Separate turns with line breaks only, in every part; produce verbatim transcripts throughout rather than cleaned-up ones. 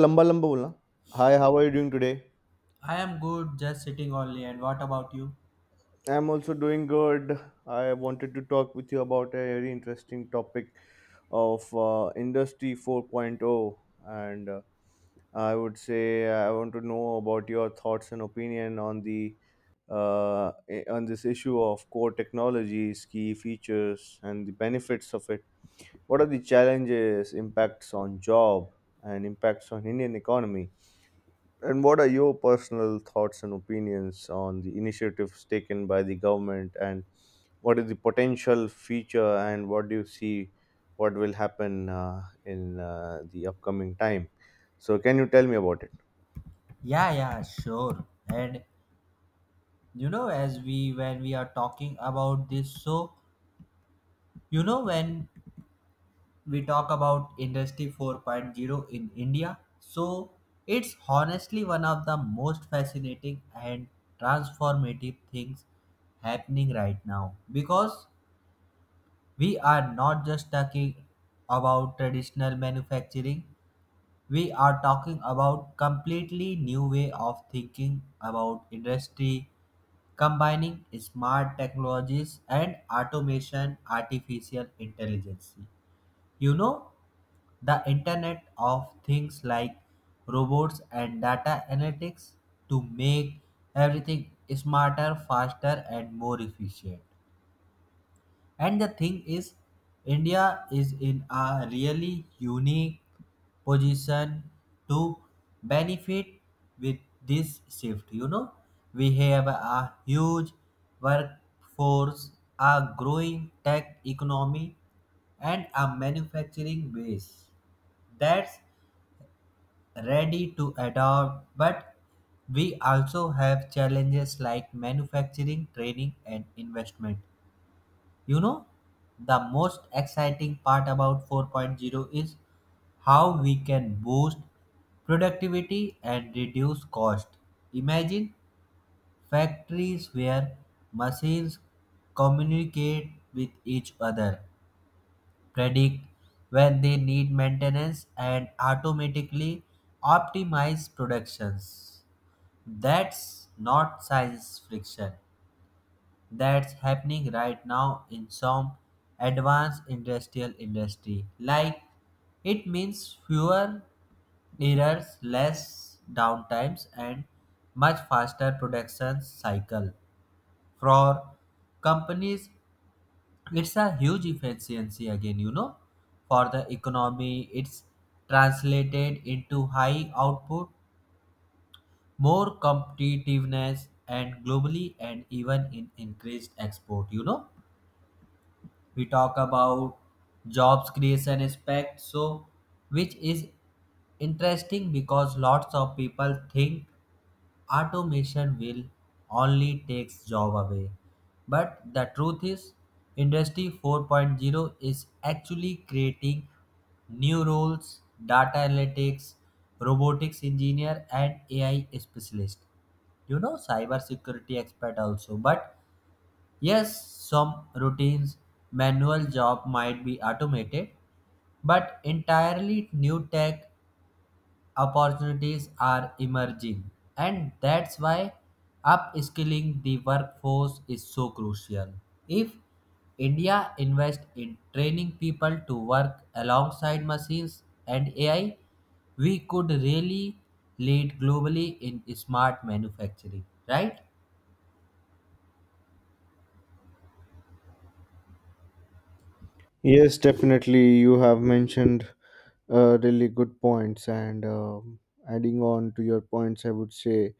लंबा लंबा बोलना। Hi, how are you doing today?
I am good, just sitting only. And what about you?
I am also doing good. I wanted to talk with you about a very interesting topic of uh, industry 4.0 and uh, I would say uh, I want to know about your thoughts and opinion on the uh, i- on this issue of core technologies, key features, and the benefits of it. What are the challenges, impacts on job, and impacts on Indian economy? And what are your personal thoughts and opinions on the initiatives taken by the government, and what is the potential future and what do you see what will happen uh, in uh, the upcoming time? So, can you tell me about it?
Yeah, yeah, sure. And you know, as we when we are talking about this, so you know when we talk about Industry 4.0 in India, so it's honestly one of the most fascinating and transformative things happening right now because we are not just talking about traditional manufacturing. We are talking about completely new way of thinking about industry, combining smart technologies and automation, artificial intelligence. You know, the internet of things like robots and data analytics to make everything smarter, faster and more efficient. And the thing is, India is in a really unique position to benefit with this shift. You know, we have a huge workforce, a growing tech economy, and a manufacturing base that's ready to adopt, but we also have challenges like manufacturing training and investment. You know, the most exciting part about 4.0 is how we can boost productivity and reduce cost. Imagine factories where machines communicate with each other, predict when they need maintenance, and automatically optimize productions. That's not science friction, that's happening right now in some advanced industrial industry. Like, it means fewer errors, less downtimes and much faster production cycle for companies. It's a huge efficiency again, you know. For the economy, it's translated into high output, more competitiveness and globally and even in increased export. You know, we talk about jobs creation aspect, so which is interesting because lots of people think automation will only takes job away, but the truth is industry 4.0 is actually creating new roles, data analytics, robotics engineer and ai specialist, you know, cyber security expert also. But yes, some routines, manual job might be automated, but entirely new tech opportunities are emerging. And that's why upskilling the workforce is so crucial. If India invests in training people to work alongside machines and A I, we could really lead globally in smart manufacturing, right?
Yes, definitely. You have mentioned uh, really good points, and um adding on to your points, I would say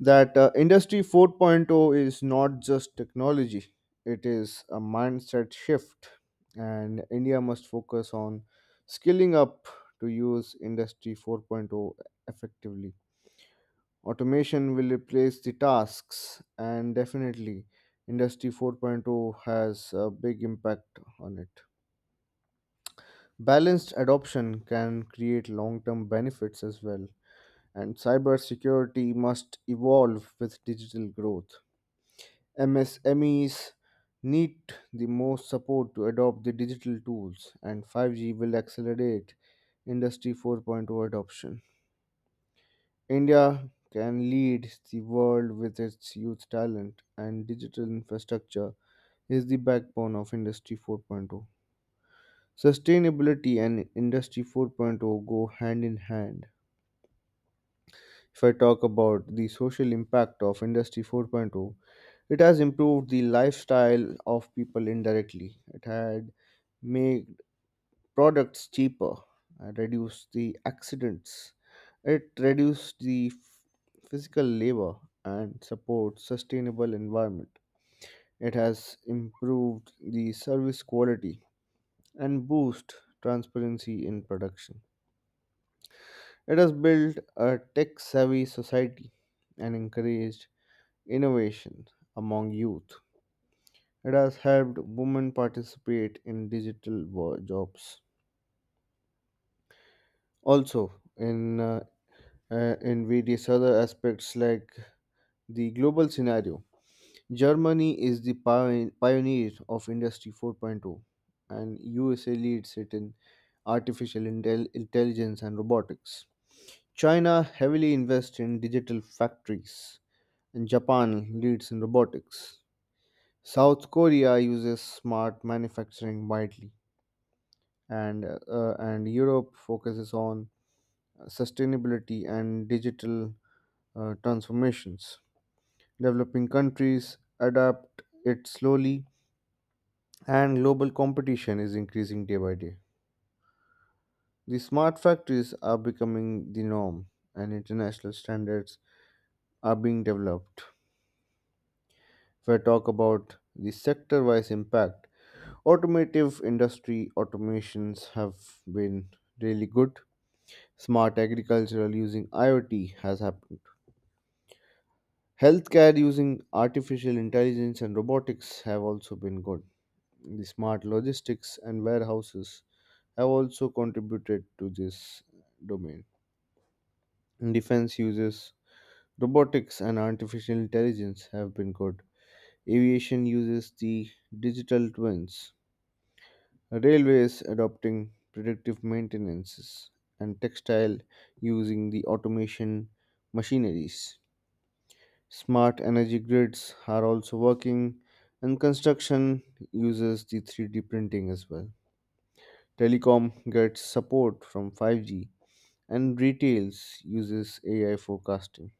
that uh, Industry 4.0 is not just technology, it is a mindset shift, and India must focus on skilling up to use Industry 4.0 effectively. Automation will replace the tasks, and definitely, Industry 4.0 has a big impact on it. Balanced adoption can create long term benefits as well, and cybersecurity must evolve with digital growth. M S M Es need the most support to adopt the digital tools, and five G will accelerate Industry 4.0 adoption. India can lead the world with its youth talent, and digital infrastructure is the backbone of Industry 4.0. Sustainability and Industry 4.0 go hand in hand. If I talk about the social impact of Industry 4.0, it has improved the lifestyle of people indirectly. It had made products cheaper, uh, reduced the accidents, it reduced the f- physical labor, and supports sustainable environment. It has improved the service quality and boost transparency in production. It has built a tech savvy society and encouraged innovation among youth. It has helped women participate in digital wo- jobs. Also, in uh, uh, in various other aspects like the global scenario, Germany is the pio- pioneer of Industry 4.0, and U S A leads it in artificial intel- intelligence and robotics. China heavily invests in digital factories, and Japan leads in robotics. South Korea uses smart manufacturing widely, and uh, and Europe focuses on sustainability and digital uh, transformations. Developing countries adapt it slowly, and global competition is increasing day by day. The smart factories are becoming the norm, and international standards are being developed. If I talk about the sector-wise impact, automotive industry automations have been really good. Smart agricultural using IoT has happened. Healthcare using artificial intelligence and robotics have also been good. The smart logistics and warehouses have also contributed to this domain. Defense uses robotics and artificial intelligence have been good. Aviation uses the digital twins. Railways adopting predictive maintenances, and textile using the automation machineries. Smart energy grids are also working, and construction uses the three D printing as well. Telecom gets support from five G, and retails uses A I forecasting.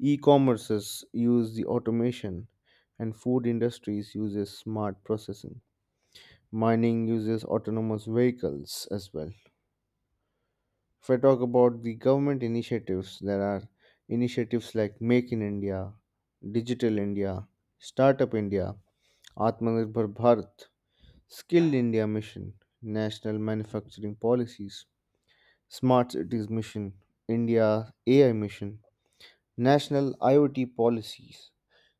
E-commerces use the automation, and food industries uses smart processing. Mining uses autonomous vehicles as well. If I talk about the government initiatives, there are initiatives like Make in India, Digital India, Startup India, Atmanirbhar Bharat, Skilled India Mission, National Manufacturing Policies, Smart Cities Mission, India A I Mission, National IoT Policies,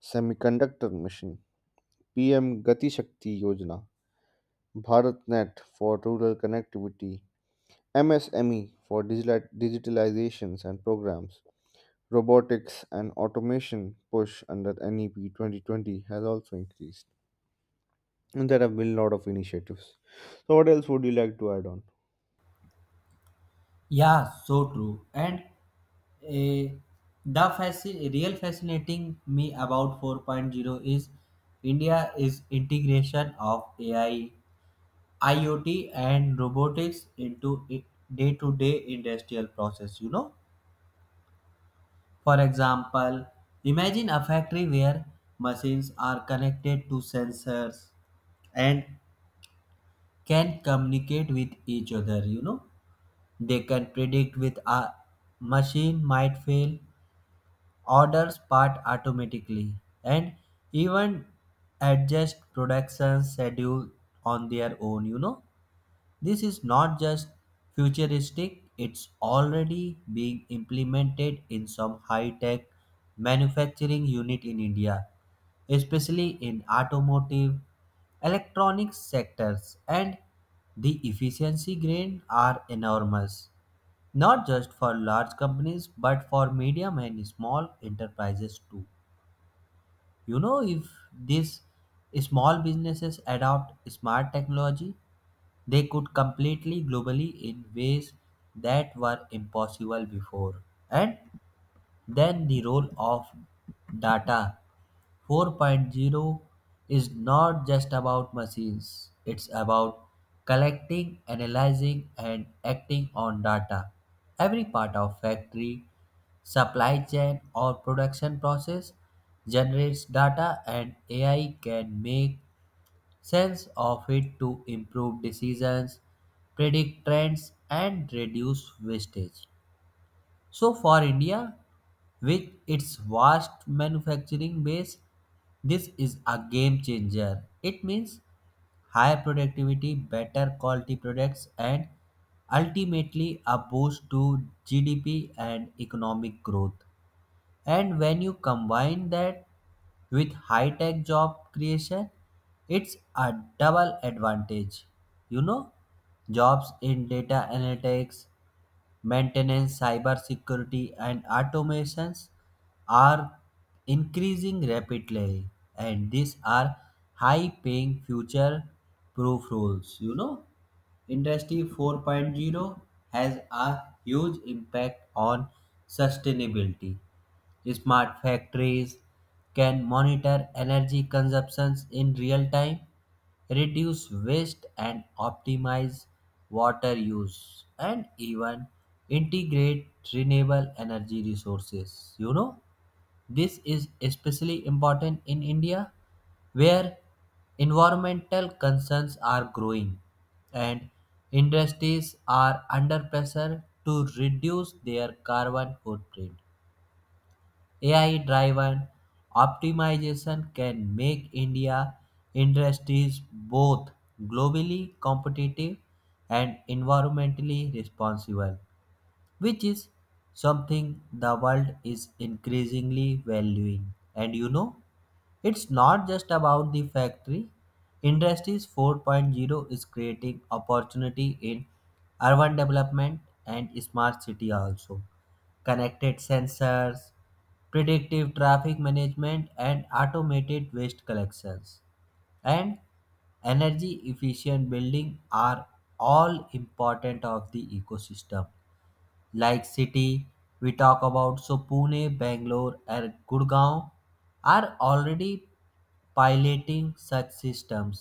Semiconductor Mission, P M Gati Shakti Yojana, BharatNet for Rural Connectivity, M S M E for digital- digitalizations and programs, robotics and automation push under N E P twenty twenty has also increased. And there have been a lot of initiatives. So, what else would you like to add on?
Yeah, so true. And eh, the fasci- real fascinating me about four point zero is India is integration of A I, IoT and robotics into i- day-to-day industrial process, you know. For example, imagine a factory where machines are connected to sensors and can communicate with each other, you know. They can predict with a machine might fail, orders part automatically, and even adjust production schedule on their own. You know, this is not just futuristic, it's already being implemented in some high tech manufacturing unit in India, especially in automotive electronics sectors. And the efficiency gain are enormous, not just for large companies but for medium and small enterprises too. You know, if these small businesses adopt smart technology, they could completely globally in ways that were impossible before. And then the role of data. Four point zero is not just about machines, it's about collecting, analyzing, and acting on data. Every part of factory, supply chain, or production process generates data, and A I can make sense of it to improve decisions, predict trends, and reduce wastage. So, for India, with its vast manufacturing base, this is a game changer. It means higher productivity, better quality products, and ultimately a boost to G D P and economic growth. And when you combine that with high tech job creation, it's a double advantage. You know, jobs in data analytics, maintenance, cybersecurity, and automations are increasing rapidly, and these are high-paying future-proof roles. You know, Industry 4.0 has a huge impact on sustainability. Smart factories can monitor energy consumptions in real time, reduce waste and optimize water use and even integrate renewable energy resources. You know, this is especially important in India where environmental concerns are growing and industries are under pressure to reduce their carbon footprint. A I driven optimization can make India industries both globally competitive and environmentally responsible, which is something the world is increasingly valuing. And you know, it's not just about the factory. Industries four point zero is creating opportunity in urban development and smart city also. Connected sensors, predictive traffic management and automated waste collections and energy efficient building are all important of the ecosystem. Like, city we talk about, so Pune, Bangalore and Gurgaon are already piloting such systems.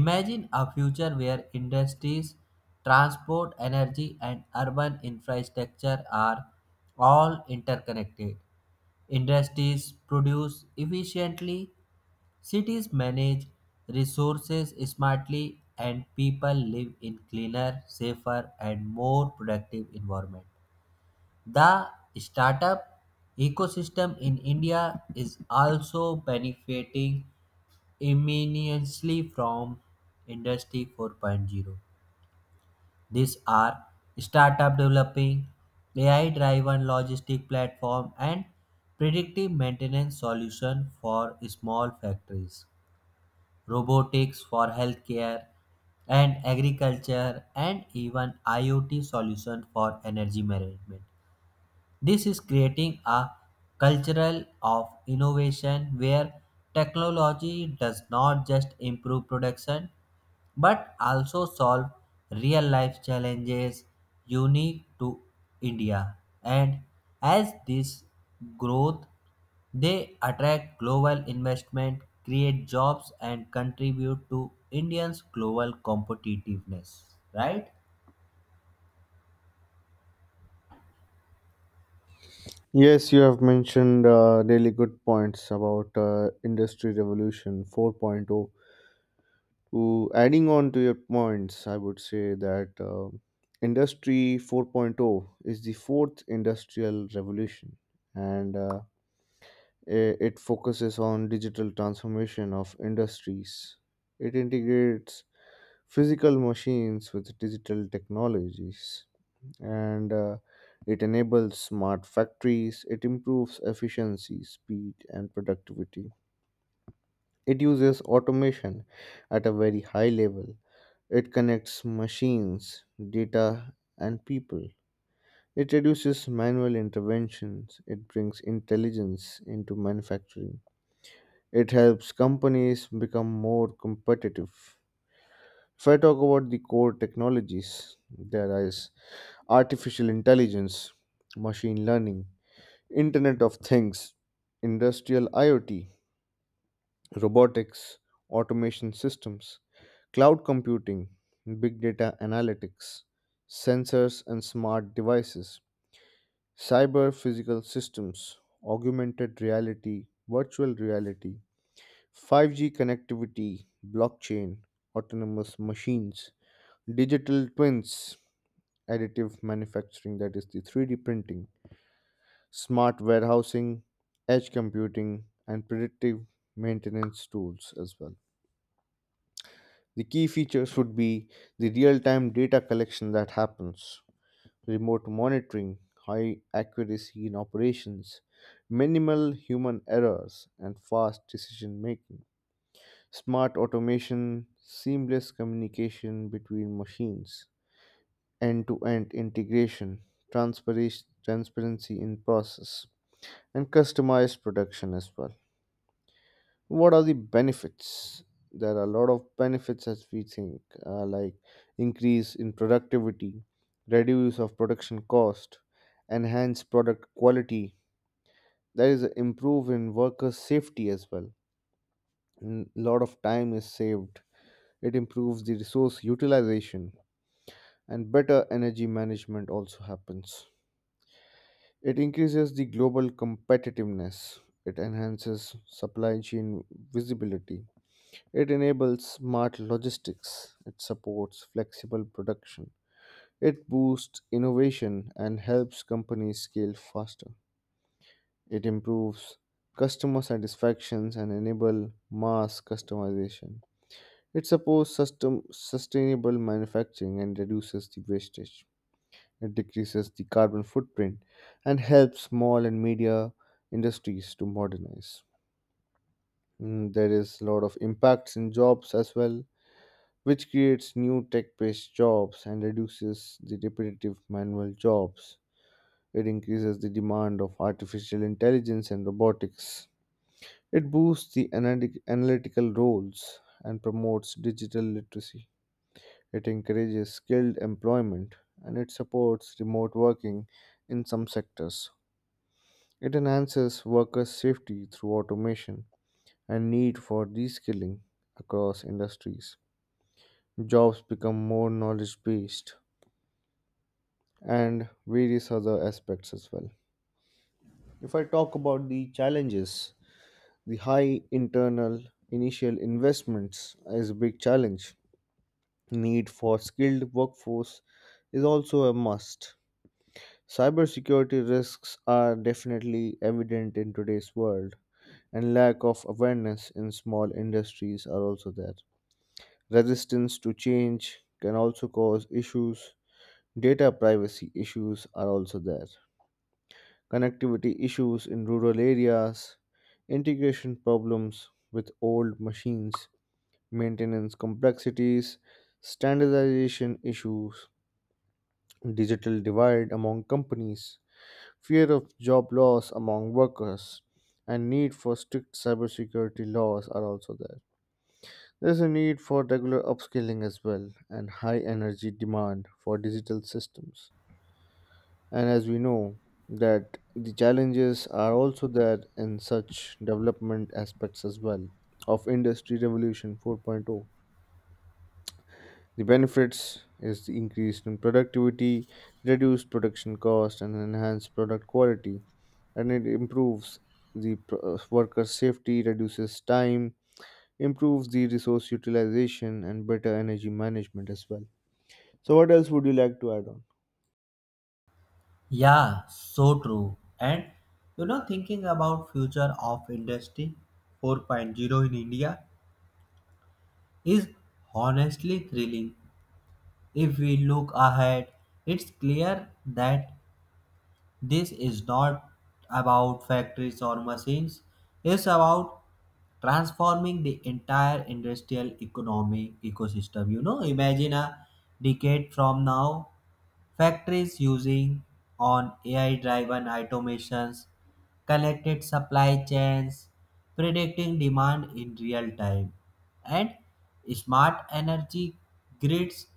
Imagine a future where industries, transport, energy and urban infrastructure are all interconnected, industries produce efficiently, cities manage resources smartly and people live in cleaner, safer and more productive environment. The startup ecosystem in India is also benefiting immensely from Industry 4.0. These are startup developing A I-driven logistic platform and predictive maintenance solution for small factories, robotics for healthcare and agriculture, and even IoT solution for energy management. This is creating a cultural of innovation where technology does not just improve production but also solve real life challenges unique to India. And as this growth, they attract global investment, create jobs, and contribute to Indians' global competitiveness, right?
Yes, you have mentioned uh, really good points about uh, Industry Revolution 4.0. To adding on to your points, I would say that uh, Industry 4.0 is the fourth industrial revolution, and uh, i- it focuses on digital transformation of industries. It integrates physical machines with digital technologies and uh, it enables smart factories. It improves efficiency, speed, and productivity. It uses automation at a very high level. It connects machines, data, and people. It reduces manual interventions. It brings intelligence into manufacturing. It helps companies become more competitive. If I talk about the core technologies, there is artificial intelligence, machine learning, Internet of Things, Industrial IoT, Robotics, Automation Systems, Cloud Computing, Big Data Analytics, Sensors and Smart Devices, Cyber Physical Systems, Augmented Reality, Virtual Reality, five G Connectivity, Blockchain, Autonomous Machines, Digital Twins, Additive Manufacturing, that is the three D printing, smart warehousing, edge computing, and predictive maintenance tools as well. The key features would be the real time data collection that happens, remote monitoring, high accuracy in operations, minimal human errors, and fast decision making, smart automation, seamless communication between machines, end to end integration, transpara- transparency in process, and customized production as well. What are the benefits? There are a lot of benefits as we think, uh, like increase in productivity, reduce of production cost, enhance product quality. There is an improve in worker safety as well. A lot of time is saved. It improves the resource utilization and better energy management also happens. It increases the global competitiveness. It enhances supply chain visibility. It enables smart logistics, it supports flexible production, it boosts innovation and helps companies scale faster. It improves customer satisfactions and enable mass customization. It supports sustain- sustainable manufacturing and reduces the wastage. It decreases the carbon footprint and helps small and media industries to modernize. Mm, there is a lot of impacts in jobs as well, which creates new tech based jobs and reduces the repetitive manual jobs. It increases the demand of artificial intelligence and robotics. It boosts the analytic- analytical roles and promotes digital literacy. It encourages skilled employment and it supports remote working in some sectors. It enhances workers' safety through automation and need for reskilling across industries. Jobs become more knowledge based and various other aspects as well. If I talk about the challenges, the high internal initial investments is a big challenge. Need for skilled workforce is also a must. Cybersecurity risks are definitely evident in today's world, and lack of awareness in small industries are also there. Resistance to change can also cause issues. Data privacy issues are also there. Connectivity issues in rural areas, integration problems with old machines, maintenance complexities, standardization issues, digital divide among companies, fear of job loss among workers, and need for strict cybersecurity laws are also there. There's a need for regular upskilling as well and high energy demand for digital systems. And as we know that the challenges are also there in such development aspects as well of industry revolution 4.0. The benefits is the increase in productivity, reduced production cost and enhanced product quality, and it improves the pro- uh, workers' safety, reduces time, improves the resource utilization, and better energy management as well. So, what else would you like to add on?
Yeah, so true. And you know, thinking about future of industry 4.0 in India is honestly thrilling. If we look ahead, it's clear that this is not about factories or machines. It's about transforming the entire industrial economy ecosystem. You know, imagine a decade from now. Factories using on A I-driven automations, connected supply chains, predicting demand in real time, and smart energy grids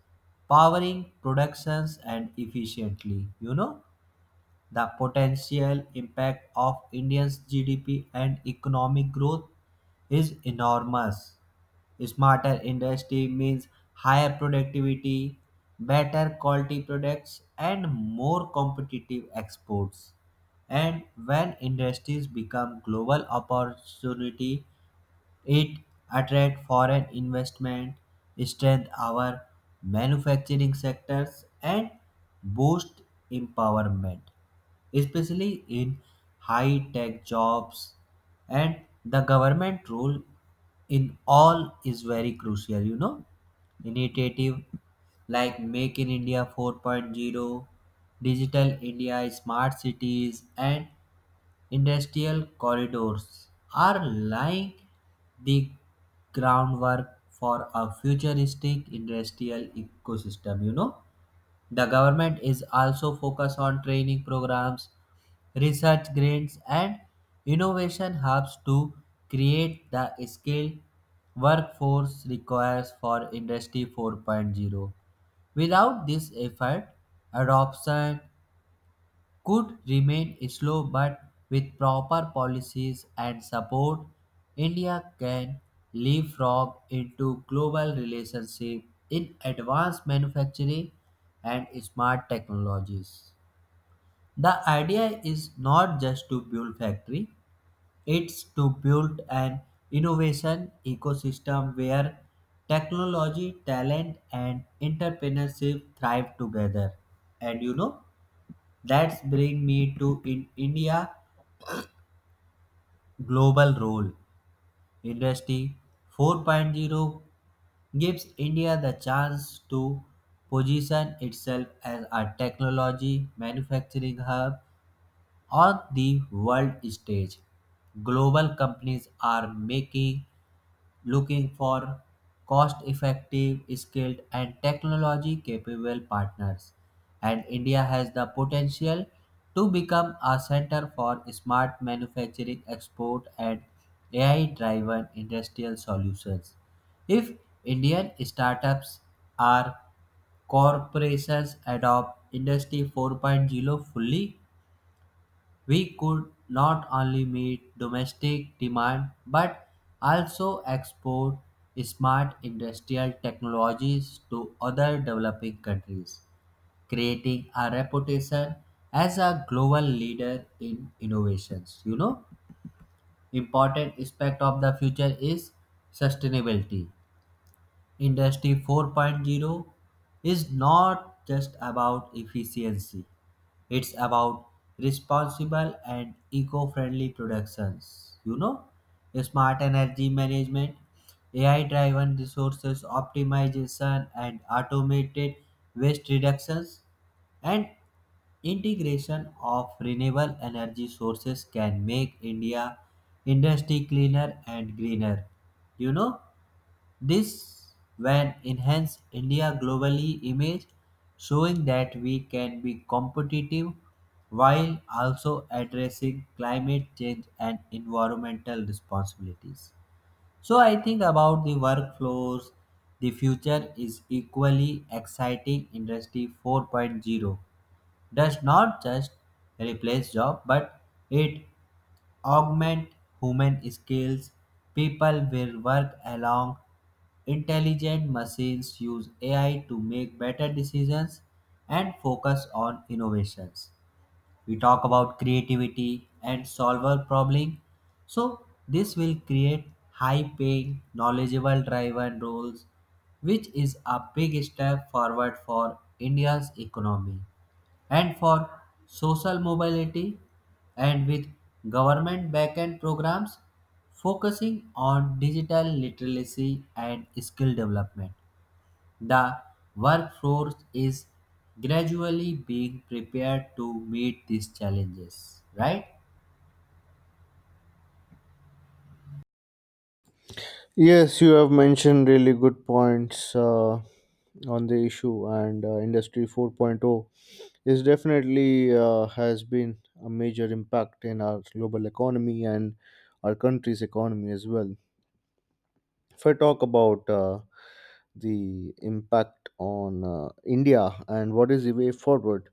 powering productions and efficiently. You know, the potential impact of India's G D P and economic growth is enormous. Smarter industry means higher productivity, better quality products, and more competitive exports. And when industries become global opportunity, it attract foreign investment, strength our manufacturing sectors, and boost empowerment, especially in high-tech jobs. And the government role in all is very crucial. You know, initiative like Make in India 4.0, Digital India, Smart Cities, and Industrial corridors are laying the groundwork for a futuristic industrial ecosystem. You know, the government is also focused on training programs, research grants, and innovation hubs to create the skill workforce requires for Industry 4.0. Without this effort, adoption could remain slow, but with proper policies and support, India can leapfrog into global relationship in advanced manufacturing and smart technologies. The idea is not just to build factory, it's to build an innovation ecosystem where technology, talent and entrepreneurship thrive together. And you know, that's bring me to in India global role. Industry 4.0 gives India the chance to position itself as a technology manufacturing hub on the world stage. Global companies are making looking for cost effective, skilled, and technology capable partners. And India has the potential to become a center for smart manufacturing export and A I driven industrial solutions. If Indian startups or corporations adopt Industry 4.0 fully, we could not only meet domestic demand but also export smart industrial technologies to other developing countries, creating a reputation as a global leader in innovations. You know, important aspect of the future is sustainability. Industry 4.0 is not just about efficiency, it's about responsible and eco friendly productions. You know, smart energy management, A I driven resources optimization, and automated waste reductions, and integration of renewable energy sources can make India industry cleaner and greener. You know, this will enhance India globally image, showing that we can be competitive while also addressing climate change and environmental responsibilities. So I think about the workflows, the future is equally exciting. Industry 4.0 does not just replace job but it augment human skills. People will work along intelligent machines, use A I to make better decisions, and focus on innovations. We talk about creativity and solver problem. So, this will create high paying, knowledgeable driven roles, which is a big step forward for India's economy and for social mobility and with government backend programs focusing on digital literacy and skill development. The workforce is gradually being prepared to meet these challenges, right?
Yes, you have mentioned really good points. Uh, on the issue and uh, industry 4.0 is definitely uh, has been a major impact in our global economy and our country's economy as well. If I talk about uh, the impact on uh, India and what is the way forward,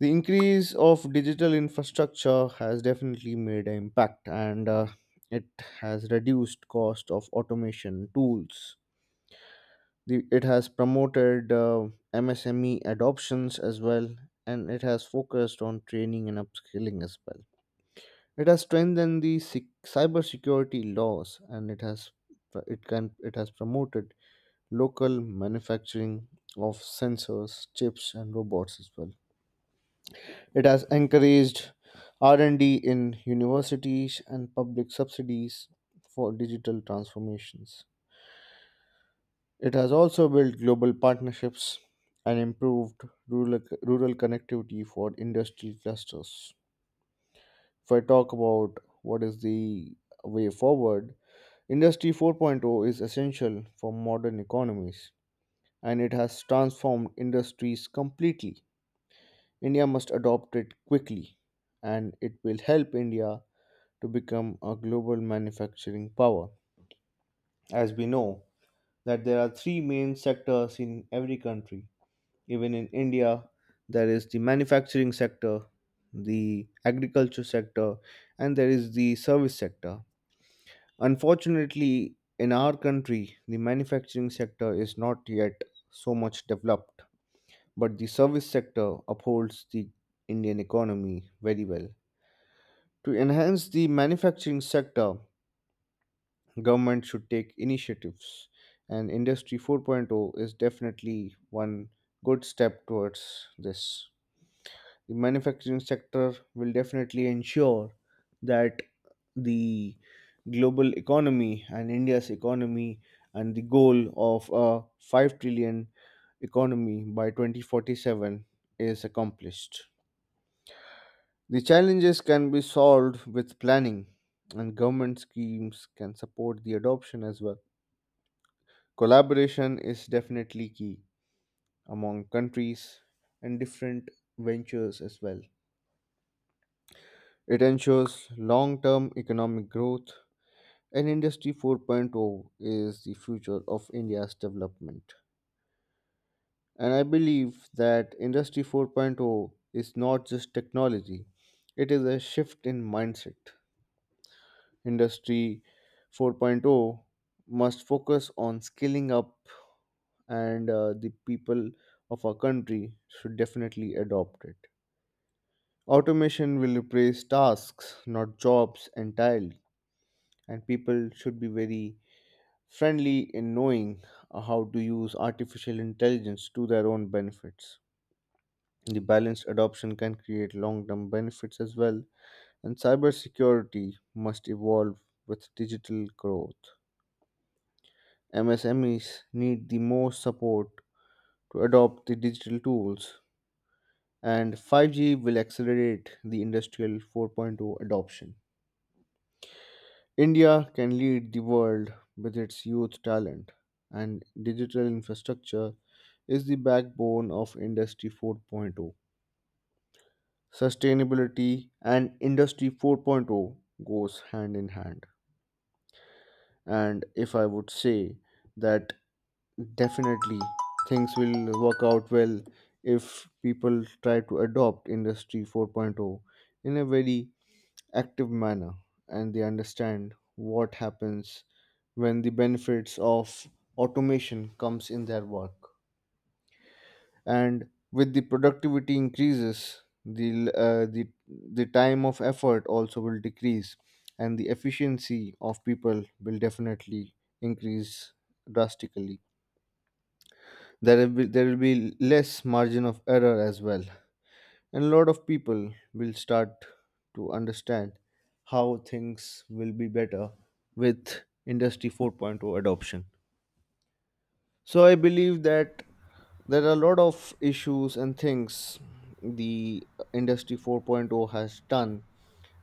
the increase of digital infrastructure has definitely made an impact, and uh, it has reduced cost of automation tools. The, it has promoted uh, M S M E adoptions as well, and it has focused on training and upskilling as well. It has strengthened the sec- cybersecurity laws, and it has it can it has promoted local manufacturing of sensors, chips, and robots as well. It has encouraged R and D in universities and public subsidies for digital transformations. It has also built global partnerships and improved rural, rural connectivity for industrial clusters. If I talk about what is the way forward, Industry 4.0 is essential for modern economies and it has transformed industries completely. India must adopt it quickly and it will help India to become a global manufacturing power. As we know that there are three main sectors in every country. Even in India, there is the manufacturing sector, the agriculture sector, and there is the service sector. Unfortunately, in our country, the manufacturing sector is not yet so much developed, but the service sector upholds the Indian economy very well. To enhance the manufacturing sector, government should take initiatives, and Industry 4.0 is definitely one good step towards this. The manufacturing sector will definitely ensure that the global economy and India's economy and the goal of a five trillion economy by twenty forty-seven is accomplished. The challenges can be solved with planning, and government schemes can support the adoption as well. Collaboration is definitely key among countries and different ventures as well. It ensures long term economic growth, and Industry 4.0 is the future of India's development. And I believe that Industry 4.0 is not just technology, it is a shift in mindset. Industry 4.0 must focus on scaling up, and uh, the people of our country should definitely adopt it. Automation will replace tasks, not jobs, entirely, and people should be very friendly in knowing how to use artificial intelligence to their own benefits. The balanced adoption can create long term benefits as well, and cybersecurity must evolve with digital growth. M S M Es need the most support to adopt the digital tools, and five G will accelerate the industrial 4.0 adoption. India can lead the world with its youth talent, and digital infrastructure is the backbone of Industry 4.0. Sustainability and Industry 4.0 goes hand in hand. And if I would say that definitely things will work out well if people try to adopt Industry 4.0 in a very active manner, and they understand what happens when the benefits of automation comes in their work, and with the productivity increases the l- uh, the the time of effort also will decrease, and the efficiency of people will definitely increase drastically. There will be, there will be less margin of error as well, and a lot of people will start to understand how things will be better with industry 4.0 adoption. So I believe that there are a lot of issues and things the industry 4.0 has done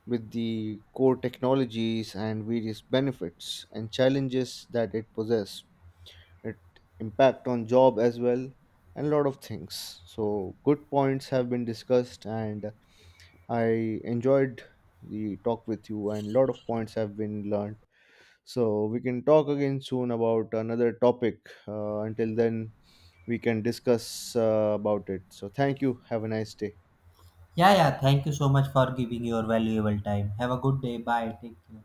with the core technologies and various benefits and challenges that it possessed. It impact on job as well, and a lot of things. So good points have been discussed, and I enjoyed the talk with you, and lot of points have been learned. So we can talk again soon about another topic. Uh, until then, we can discuss uh, about it. So thank you. Have a nice day.
Yeah, yeah, thank you so much for giving your valuable time. Have a good day. Bye. Take care.